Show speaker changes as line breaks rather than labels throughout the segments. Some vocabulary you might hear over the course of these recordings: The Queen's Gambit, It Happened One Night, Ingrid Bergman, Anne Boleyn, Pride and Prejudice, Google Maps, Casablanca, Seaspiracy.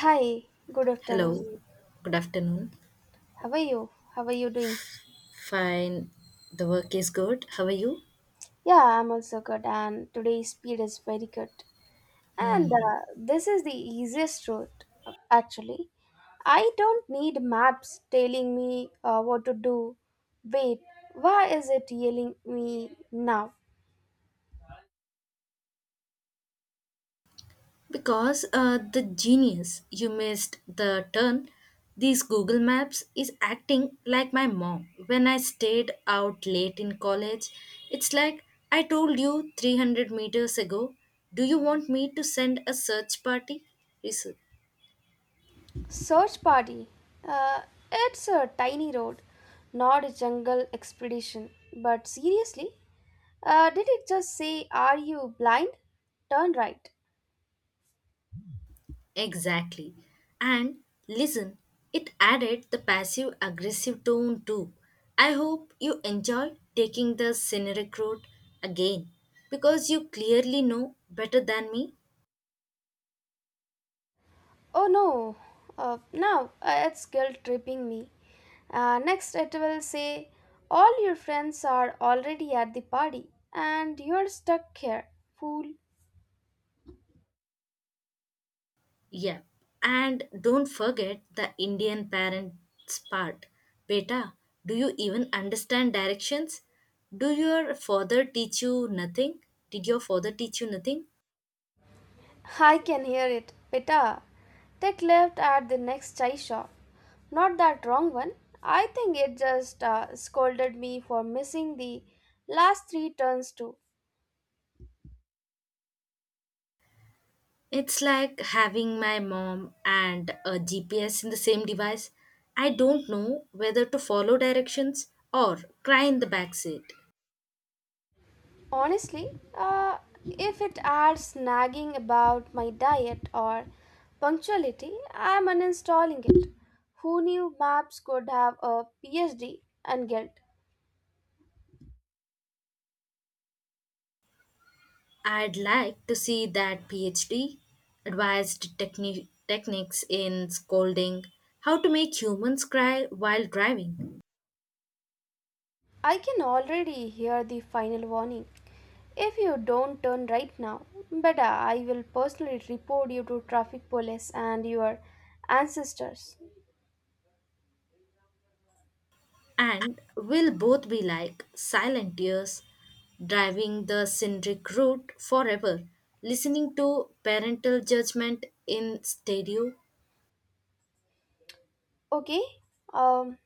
Hi, good afternoon.
Hello, good afternoon.
How are you? How are you doing?
Fine, the work is good. How are you?
Yeah, I'm also good, and today's speed is very good. And this is the easiest route, actually. I don't need maps telling me what to do. Wait, why is it yelling me now?
Because the genius, you missed the turn. These Google Maps is acting like my mom. When I stayed out late in college, it's like I told you 300 meters ago. Do you want me to send a search party?
Search party. Uh, it's a tiny road, not a jungle expedition. But seriously, did it just say, "Are you blind? Turn right."
Exactly. And listen, it added the passive aggressive tone too. I hope you enjoy taking the scenic route again because you clearly know better than me.
Oh no, now it's guilt tripping me. Next, it will say, "All your friends are already at the party and you're stuck here, fool."
Yeah. And don't forget the Indian parents part. Beta, do you even understand directions? Do your father teach you nothing? Did your father teach you nothing?
I can hear it. Beta, take left at the next chai shop. Not that wrong one. I think it just scolded me for missing the last three turns too.
It's like having my mom and a GPS in the same device. I don't know whether to follow directions or cry in the backseat.
Honestly, uh, if it adds nagging about my diet or punctuality, I'm uninstalling it. Who knew maps could have a PhD and guilt?
I'd like to see that PhD advised techniques in scolding, how to make humans cry while driving.
I can already hear the final warning. If you don't turn right now, better I will personally report you to traffic police and your ancestors.
And we'll both be like silent tears driving the scenic route forever, listening to parental judgment in stereo.
Okay? Um,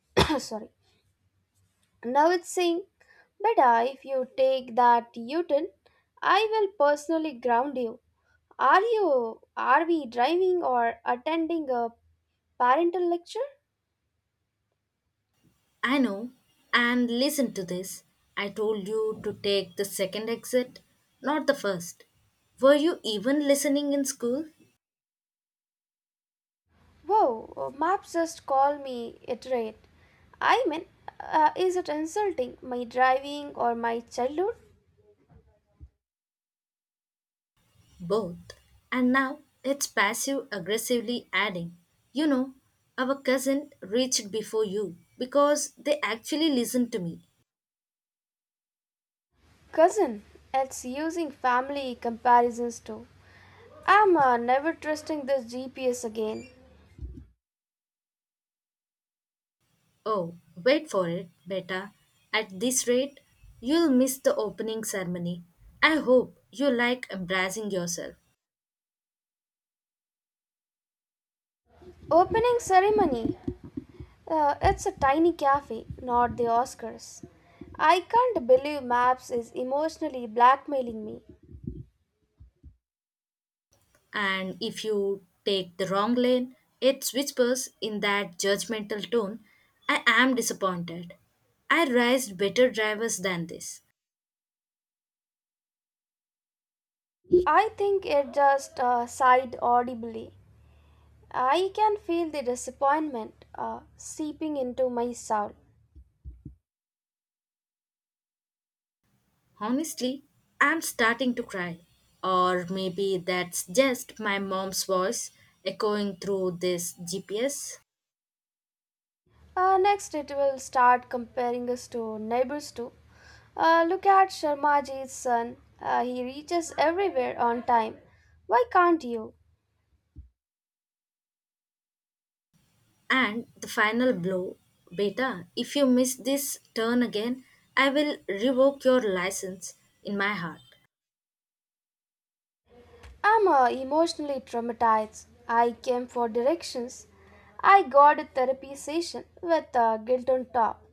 sorry. Now it's saying, "Beta, if you take that U-turn, I will personally ground you." Are you, are we driving or attending a parental lecture?
I know. And listen to this. I told you to take the second exit, not the first. Were you even listening in school?
Whoa, maps just call me iterate. I mean, is it insulting my driving or my childhood?
Both. And now it's passive aggressively adding. You know, our cousin reached before you because they actually listened to me.
Cousin, it's using family comparisons too. I'm never trusting this GPS again.
Oh, wait for it, beta. At this rate, you'll miss the opening ceremony. I hope you like embracing yourself.
Opening ceremony. It's a tiny cafe, not the Oscars. I can't believe Maps is emotionally blackmailing me.
And if you take the wrong lane, it whispers in that judgmental tone, I am disappointed. I raised better drivers than this.
I think it just sighed audibly. I can feel the disappointment seeping into my soul.
Honestly, I'm starting to cry. Or maybe that's just my mom's voice echoing through this GPS.
Next, it will start comparing us to neighbors too. Look at Sharmaji's son. He reaches everywhere on time. Why can't you?
And the final blow, Beta, if you miss this turn again, I will revoke your license in my heart.
I'm emotionally traumatized. I came for directions. I got a therapy session with guilt on top.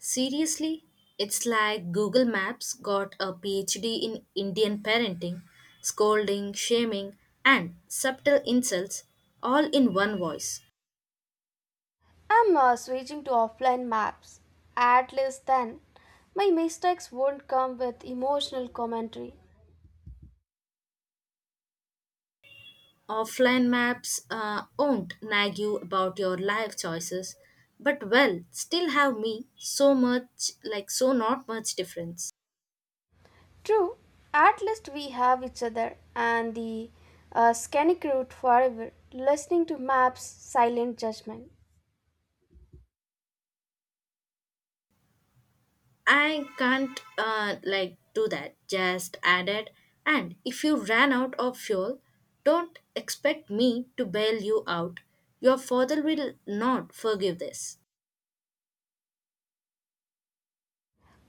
Seriously, it's like Google Maps got a PhD in Indian parenting, scolding, shaming, and subtle insults all in one voice.
I'm switching to offline maps. At least then, my mistakes won't come with emotional commentary.
Offline maps won't nag you about your life choices, but well, still have me so much, like, so not much difference.
True, at least we have each other and the scenic route forever, listening to maps, silent judgment.
I can't, like, do that. Just added, and if you ran out of fuel, don't expect me to bail you out. Your father will not forgive this.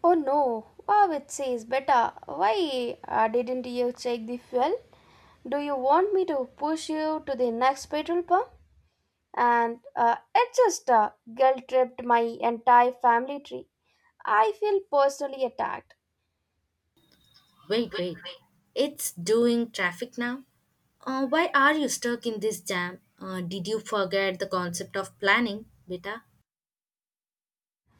Oh no, wow, it says better. Why didn't you check the fuel? Do you want me to push you to the next petrol pump? And it just guilt tripped my entire family tree. I feel personally attacked.
Wait, wait. It's doing traffic now. Why are you stuck in this jam? Did you forget the concept of planning, Beta?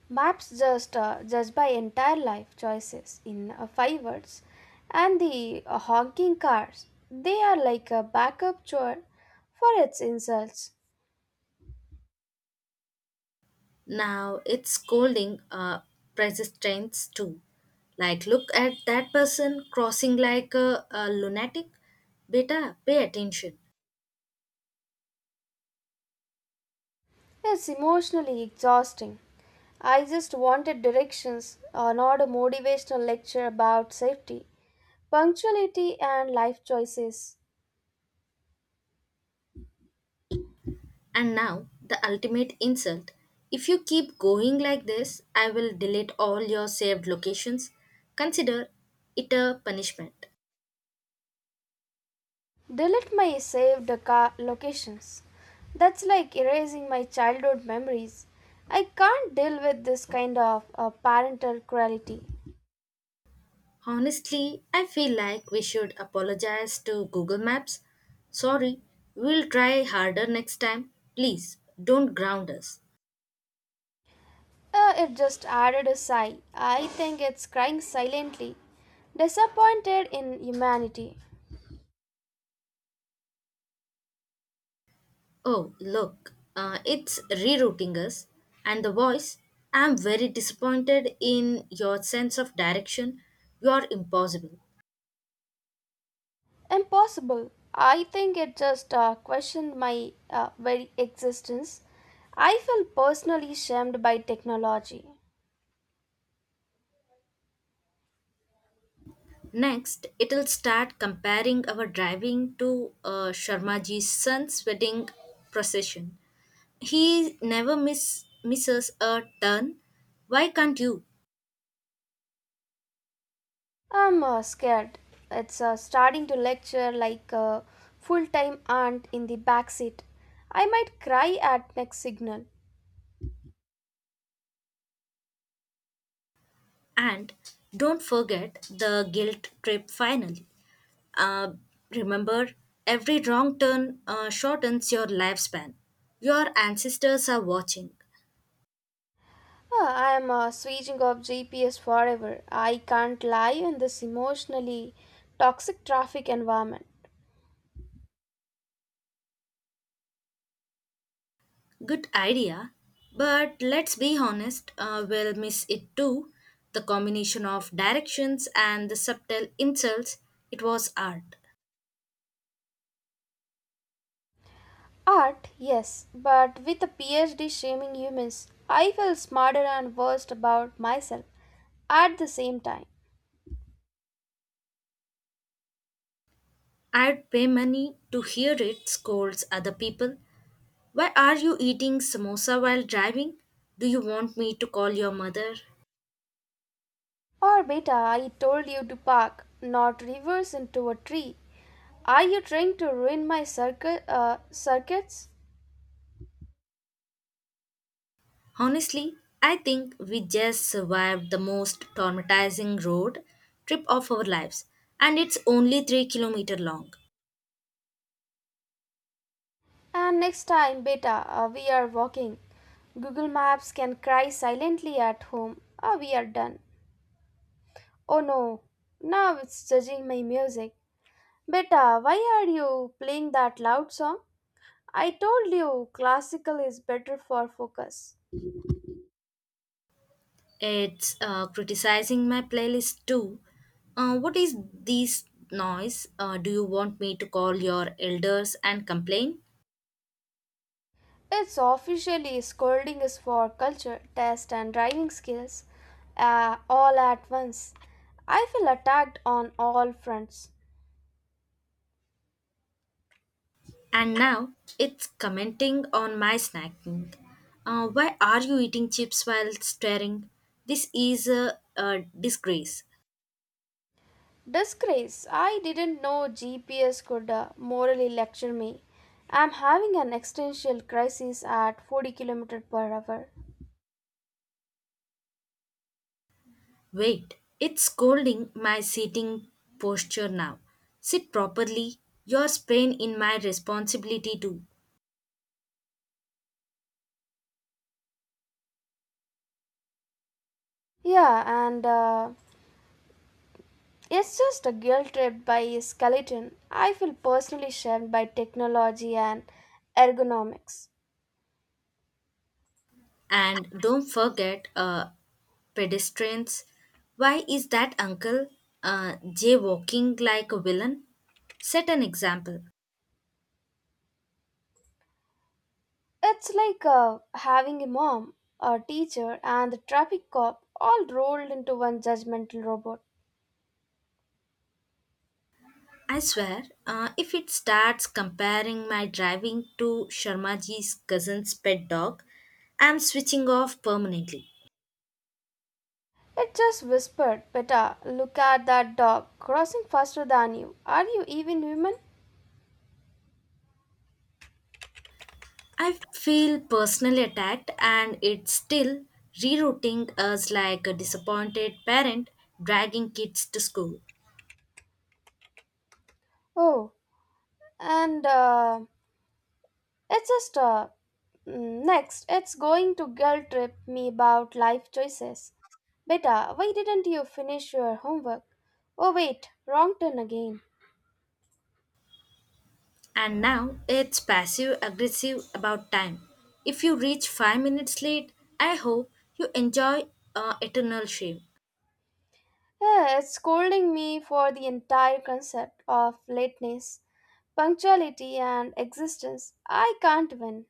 Maps just judge by entire life choices in five words, and the honking cars, they are like a backup chore for its insults.
Now it's scolding persistence too. Like, look at that person crossing like a lunatic. Beta, pay attention.
It's emotionally exhausting. I just wanted directions, not a motivational lecture about safety, punctuality, and life choices.
And now the ultimate insult. If you keep going like this, I will delete all your saved locations. Consider it a punishment.
Delete my saved car locations. That's like erasing my childhood memories. I can't deal with this kind of parental cruelty.
Honestly, I feel like we should apologize to Google Maps. Sorry, we'll try harder next time. Please don't ground us.
It just added a sigh. I think it's crying silently, disappointed in humanity.
Oh, look, it's rerouting us. And the voice, I'm very disappointed in your sense of direction. You're impossible.
Impossible. I think it just questioned my very existence. I feel personally shamed by technology.
Next, it'll start comparing our driving to Sharmaji's son's wedding procession. He never misses a turn. Why can't you?
I'm scared. It's starting to lecture like a full time aunt in the back seat. I might cry at next signal.
And don't forget the guilt trip finally. Uh, remember, every wrong turn shortens your lifespan. Your ancestors are watching.
I am switching off GPS forever. I can't lie in this emotionally toxic traffic environment.
Good idea, but let's be honest, we'll miss it too. The combination of directions and the subtle insults, it was art.
Art, yes, but with a PhD shaming humans, I feel smarter and worse about myself at the same time.
I'd pay money to hear it scolds other people. Why are you eating samosa while driving? Do you want me to call your mother?
Or beta, I told you to park, not reverse into a tree. Are you trying to ruin my circuits?
Honestly, I think we just survived the most traumatizing road trip of our lives, and it's only 3-kilometer long.
And next time, beta, we are walking. Google Maps can cry silently at home. Ah, we are done. Oh no, now it's judging my music. Beta, why are you playing that loud song? I told you classical is better for focus.
It's criticizing my playlist too. What is this noise? Do you want me to call your elders and complain?
It's officially scolding us for culture, test, and driving skills all at once. I feel attacked on all fronts.
And now it's commenting on my snacking. Why are you eating chips while staring? This is a disgrace.
Disgrace. I didn't know GPS could morally lecture me. I'm having an existential crisis at 40 kilometers per hour.
Wait, it's scolding my sitting posture now. Sit properly. Your sprain in my responsibility too.
Yeah, and it's just a guilt trip by a skeleton. I feel personally shamed by technology and ergonomics.
And don't forget pedestrians. Why is that uncle Jay walking like a villain? Set an example.
It's like having a mom, a teacher, and a traffic cop all rolled into one judgmental robot.
I swear, if it starts comparing my driving to Sharmaji's cousin's pet dog, I'm switching off permanently.
It just whispered, "Beta, look at that dog crossing faster than you. Are you even human?"
I feel personally attacked, and it's still rerouting us like a disappointed parent dragging kids to school.
Oh, and it's just uh, next, it's going to guilt trip me about life choices. Beta, why didn't you finish your homework? Oh, wait, wrong turn again.
And now it's passive aggressive about time. If you reach 5 minutes late, I hope you enjoy eternal shame.
Yeah, it's scolding me for the entire concept of lateness, punctuality, and existence. I can't win.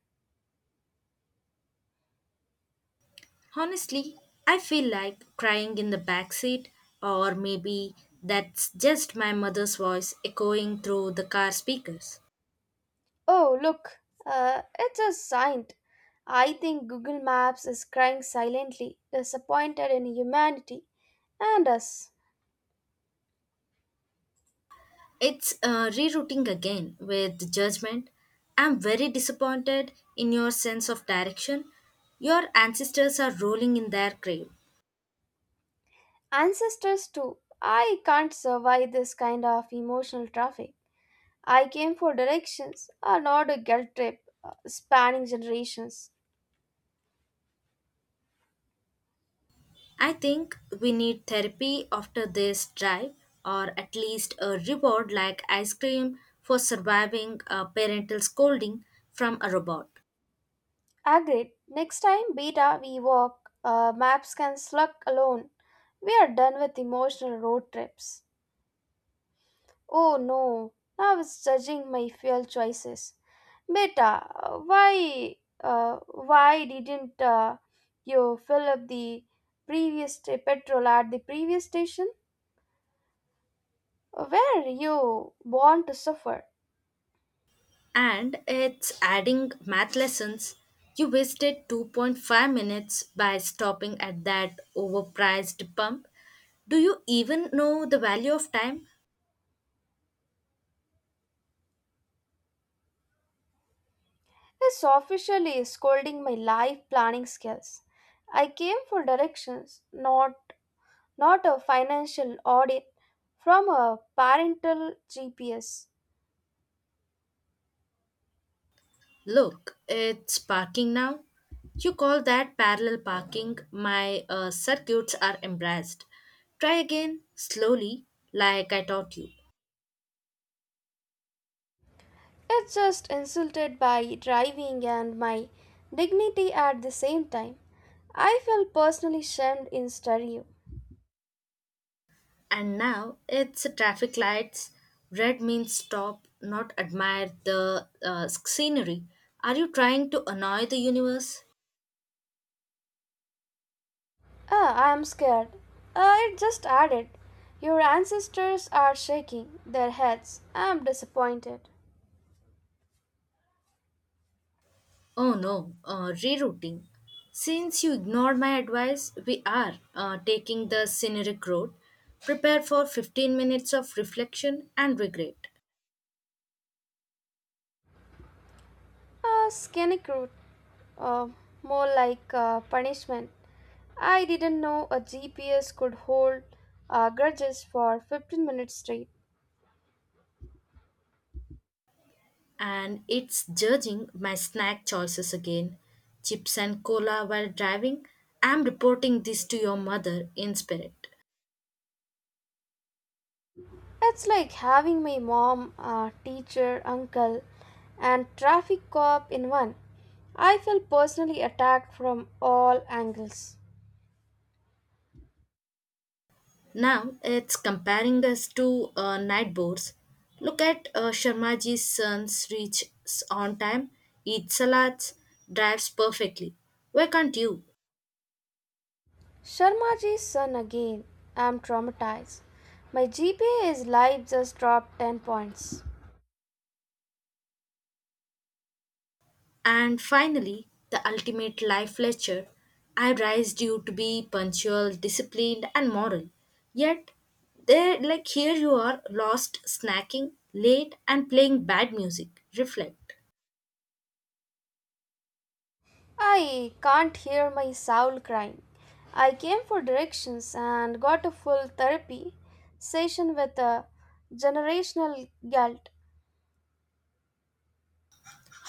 Honestly, I feel like crying in the back seat, or maybe that's just my mother's voice echoing through the car speakers.
Oh, look, it's a sign. I think Google Maps is crying silently, disappointed in humanity and us.
It's rerouting again with judgment. I'm very disappointed in your sense of direction. Your ancestors are rolling in their grave.
Ancestors, too. I can't survive this kind of emotional traffic. I came for directions, not a guilt trip spanning generations.
I think we need therapy after this drive, or at least a reward like ice cream for surviving a parental scolding from a robot.
Agreed. Next time, beta, we walk. Maps can slug alone. We are done with emotional road trips. Oh no, now it's judging my fuel choices. Beta, why didn't you fill up the petrol at the previous station? Where you born to suffer?
And it's adding math lessons. You wasted 2.5 minutes by stopping at that overpriced pump. Do you even know the value of time?
This officially is scolding my life planning skills. I came for directions, not a financial audit from a parental GPS.
Look, it's parking now. You call that parallel parking. My circuits are embarrassed. Try again, slowly, like I taught you.
It's just insulted by driving and my dignity at the same time. I felt personally shamed in stereo.
And now it's traffic lights. Red means stop, not admire the scenery. Are you trying to annoy the universe?
Ah, I am scared. Ah, it just added. Your ancestors are shaking their heads. I am disappointed.
Oh no, rerouting. Since you ignored my advice, we are taking the scenic road. Prepare for 15 minutes of reflection and regret.
Ah, skinny crude. uh, more like punishment. I didn't know a GPS could hold grudges for 15 minutes straight.
And it's judging my snack choices again. Chips and cola while driving. I'm reporting this to your mother in spirit.
It's like having my mom, teacher, uncle, and traffic cop in one. I felt personally attacked from all angles.
Now it's comparing us to night birds. Look at Sharmaji's sons reaches on time, eats salads, drives perfectly. Why can't you?
Sharmaji's son again. I'm traumatized. My GPA is live, just dropped 10 points.
And finally, the ultimate life lecture. I raised you to be punctual, disciplined, and moral. Yet, they like here you are lost, snacking, late, and playing bad music. Reflect.
I can't hear my soul crying. I came for directions and got a full therapy session with a generational guilt.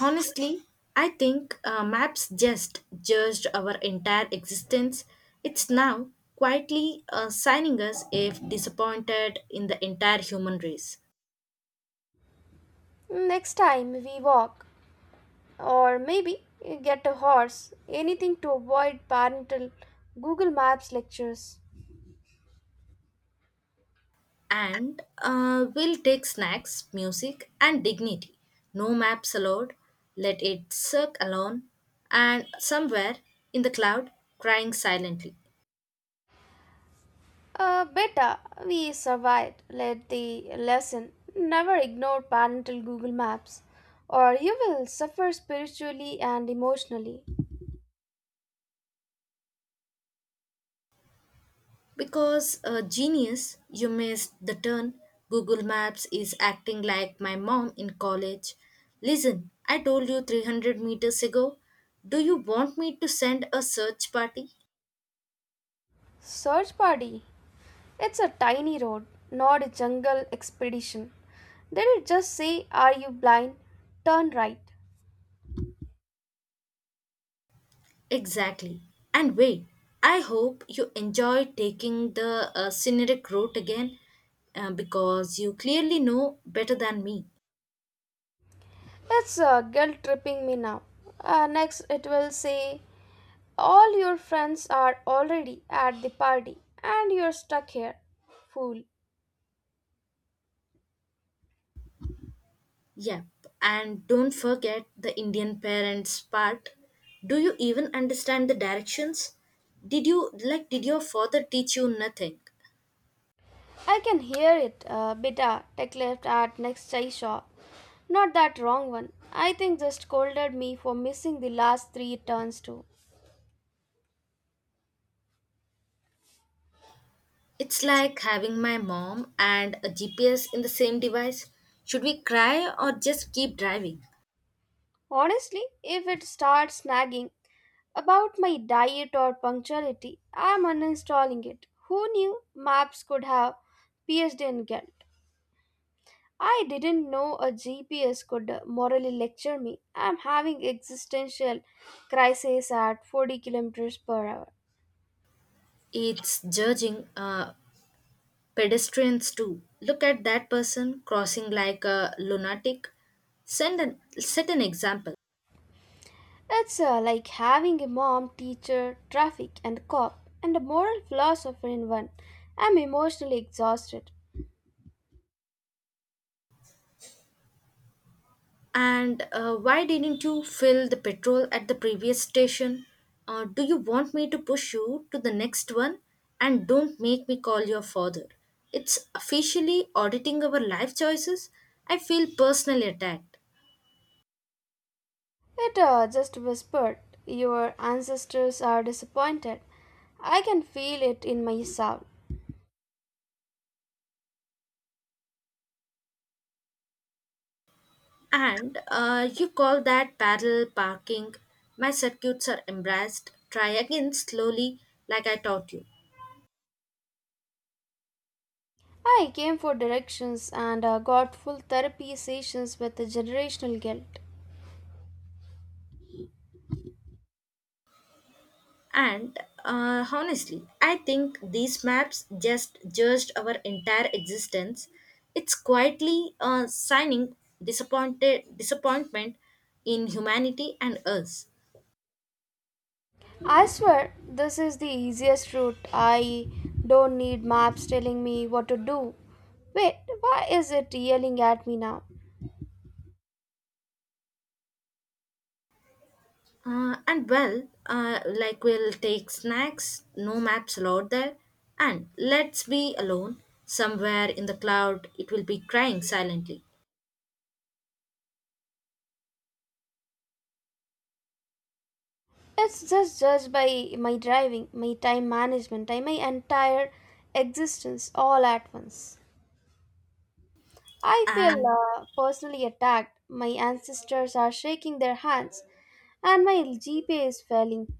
Honestly, I think maps just judged our entire existence. It's now quietly signing us if disappointed in the entire human race.
Next time we walk, or maybe get a horse, anything to avoid parental Google Maps lectures.
And we'll take snacks, music, and dignity. No maps allowed. Let it suck alone and somewhere in the cloud crying silently.
Better we survived. Let the lesson never ignore parental Google Maps, or you will suffer spiritually and emotionally.
Because a genius, you missed the turn. Google Maps is acting like my mom in college. Listen, I told you 300 meters ago. Do you want me to send a search party?
Search party. It's a tiny road, not a jungle expedition. Did it just say, "Are you blind? Turn right"?
Exactly. And wait, I hope you enjoy taking the scenic route again because you clearly know better than me.
It's guilt tripping me now. Next, it will say, "All your friends are already at the party and you're stuck here. Fool."
Yep, and don't forget the Indian parents part. Do you even understand the directions? Did your father teach you nothing?
I can hear it, beta, tech left at next chai shop. Not that wrong one. I think just scolded me for missing the last three turns too.
It's like having my mom and a GPS in the same device. Should we cry or just keep driving?
Honestly, if it starts nagging about my diet or punctuality, I'm uninstalling it. Who knew maps could have PhD in guilt? I didn't know a GPS could morally lecture me. I'm having existential crisis at 40 kilometers per hour.
It's judging pedestrians too. Look at that person crossing like a lunatic. Set an example.
It's like having a mom, teacher, traffic, and cop, and a moral philosopher in one. I'm emotionally exhausted.
And why didn't you fill the petrol at the previous station? Do you want me to push you to the next one? And don't make me call your father. It's officially auditing our life choices. I feel personally attacked.
It just whispered, "Your ancestors are disappointed." I can feel it in my soul.
And you call that parallel parking. My circuits are embarrassed. Try again slowly, like I taught you.
I came for directions and got full therapy sessions with the generational guilt.
And honestly, I think these maps just judged our entire existence. It's quietly signing disappointed disappointment in humanity and us.
I swear, this is the easiest route. I don't need maps telling me what to do. Wait, why is it yelling at me now?
And well, like we'll take snacks, no maps allowed there, and let's be alone somewhere in the cloud. It will be crying silently.
It's just judged by my driving, my time management, and my entire existence all at once. I feel
And
personally attacked. My ancestors are shaking their hands, and my GPA is failing.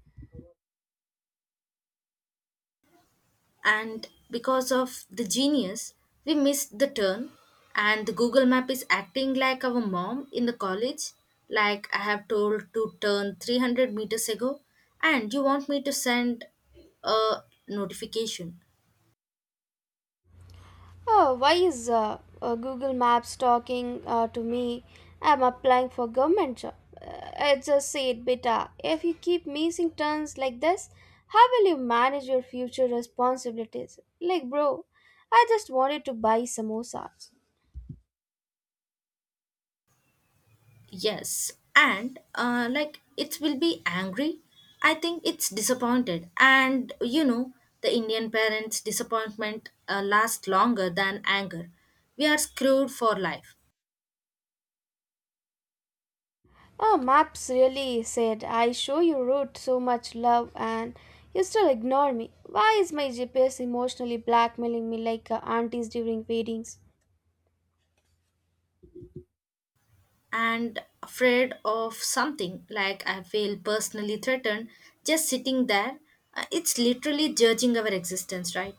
and because of the genius, we missed the turn, and the Google map is acting like our mom in the college. Like, I have told to turn 300 meters ago, and you want me to send a notification?
Oh, why is Google Maps talking to me? I'm applying for government job. I just said, "Beta, if you keep missing turns like this, how will you manage your future responsibilities?" Like, bro, I just wanted to buy samosas.
Yes, and like it will be angry. I think it's disappointed, and you know, the Indian parents' disappointment lasts longer than anger. We are screwed for life.
Oh, maps really said, "I show you route so much love and you still ignore me." Why is my GPS emotionally blackmailing me like aunties during weddings?
And afraid of something, like I feel personally threatened just sitting there. It's literally judging our existence, right?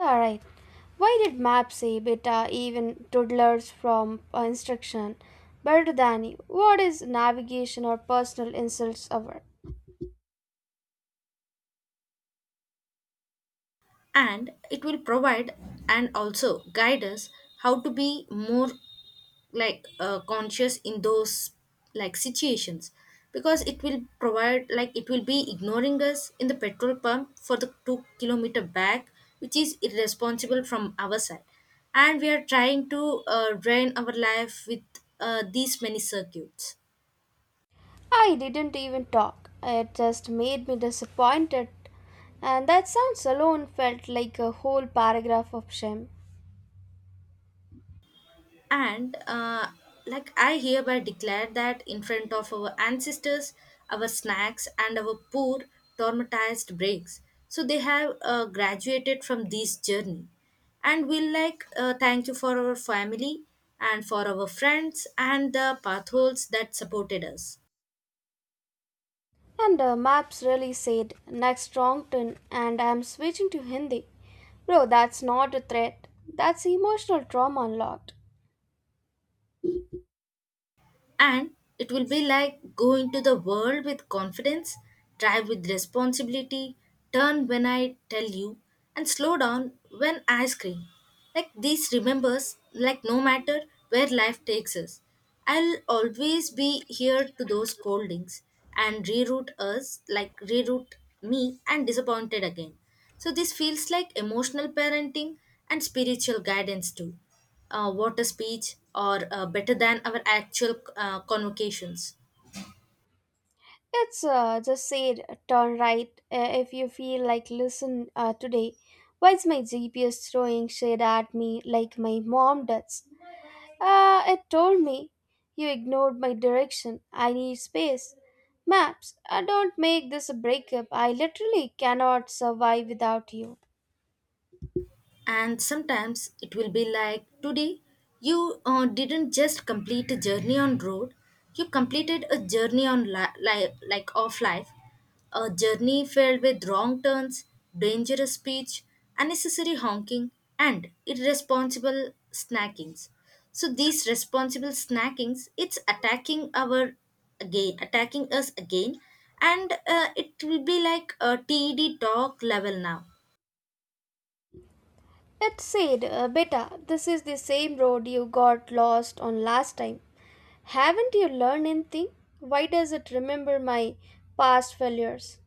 Alright, why did maps say beta even toddlers from instruction? Better than you. What is navigation or personal insults over?
And it will provide and also guide us how to be more like conscious in those like situations, because it will provide, like it will be ignoring us in the petrol pump for the 2 kilometer back, which is irresponsible from our side, and we are trying to drain our life with these many circuits.
I didn't even talk. It just made me disappointed. And that sounds alone felt like a whole paragraph of shame.
And like I hereby declare that in front of our ancestors, our snacks, and our poor traumatized breaks. So they have graduated from this journey. And we'll like thank you for our family and for our friends and the pathholes that supported us.
And the maps really said, "Next wrong turn and I'm switching to Hindi." Bro, that's not a threat. That's emotional trauma unlocked.
And it will be like go into the world with confidence, drive with responsibility, turn when I tell you, and slow down when I scream. Like these remembers, like no matter where life takes us, I'll always be here to those scoldings and reroute us, like reroute me and disappointed again. So this feels like emotional parenting and spiritual guidance too, water speech, or better than our actual convocations.
It's just said, "Turn right if you feel like listen today." Why is my GPS throwing shade at me like my mom does? It told me, "You ignored my direction. I need space." Maps, don't make this a breakup. I literally cannot survive without you.
And sometimes it will be like today you didn't just complete a journey on road, you completed a journey on like of life, a journey filled with wrong turns, dangerous speech, unnecessary honking, and irresponsible snackings. So these responsible snackings, it's attacking our again, attacking us again, and it will be like a TED talk level now.
It said, "Beta, this is the same road you got lost on last time. Haven't you learned anything?" Why does it remember my past failures?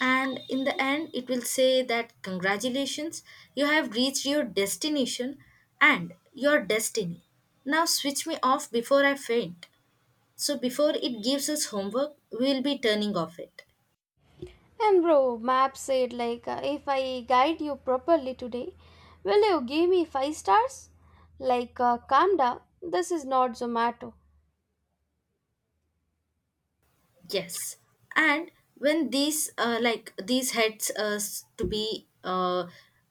And in the end, it will say that congratulations, you have reached your destination and your destiny. Now switch me off before I faint. So before it gives us homework, we will be turning off it.
And bro, map said, like, "If I guide you properly today, will you give me 5 stars?" Like, calm down, this is not Zomato.
Yes, and when these like these heads us to be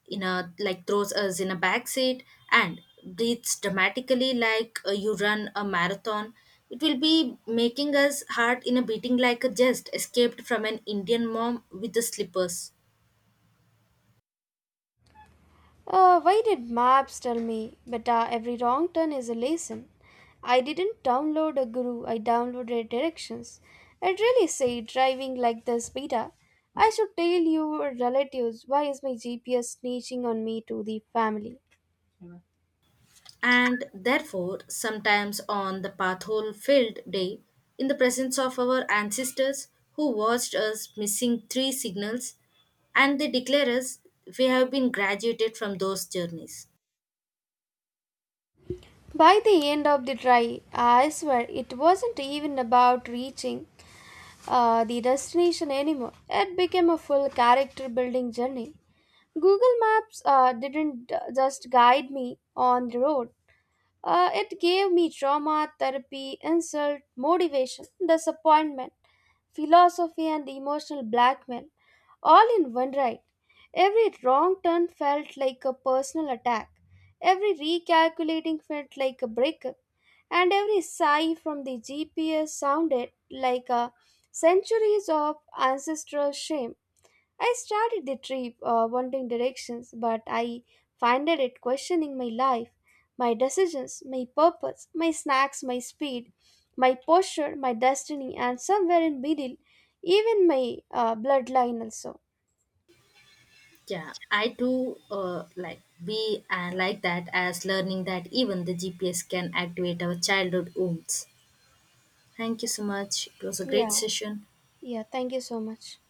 in a like throws us in a back seat and breathes dramatically like you run a marathon, it will be making us heart in a beating like a just escaped from an Indian mom with the slippers.
Why did maps tell me beta every wrong turn is a lesson? I didn't download a guru, I downloaded directions. I'd really say driving like this beta. I should tell your relatives. Why is my GPS snitching on me to the family?
And therefore sometimes on the pathole filled day, in the presence of our ancestors who watched us missing 3 signals, and they declare us we have been graduated from those journeys.
By the end of the drive, I swear it wasn't even about reaching the destination anymore. It became a full character building journey. Google Maps didn't just guide me on the road. It gave me trauma, therapy, insult, motivation, disappointment, philosophy, and emotional blackmail, all in one ride. Every wrong turn felt like a personal attack. Every recalculating felt like a breakup. And every sigh from the GPS sounded like a centuries of ancestral shame. I started the trip wanting directions, but I finded it questioning my life, my decisions, my purpose, my snacks, my speed, my posture, my destiny, and somewhere in middle, even my bloodline also.
Yeah, I too like be like that as learning that even the GPS can activate our childhood wounds. Thank you so much, it was a great
Yeah,
session.
yeah. Thank you so much.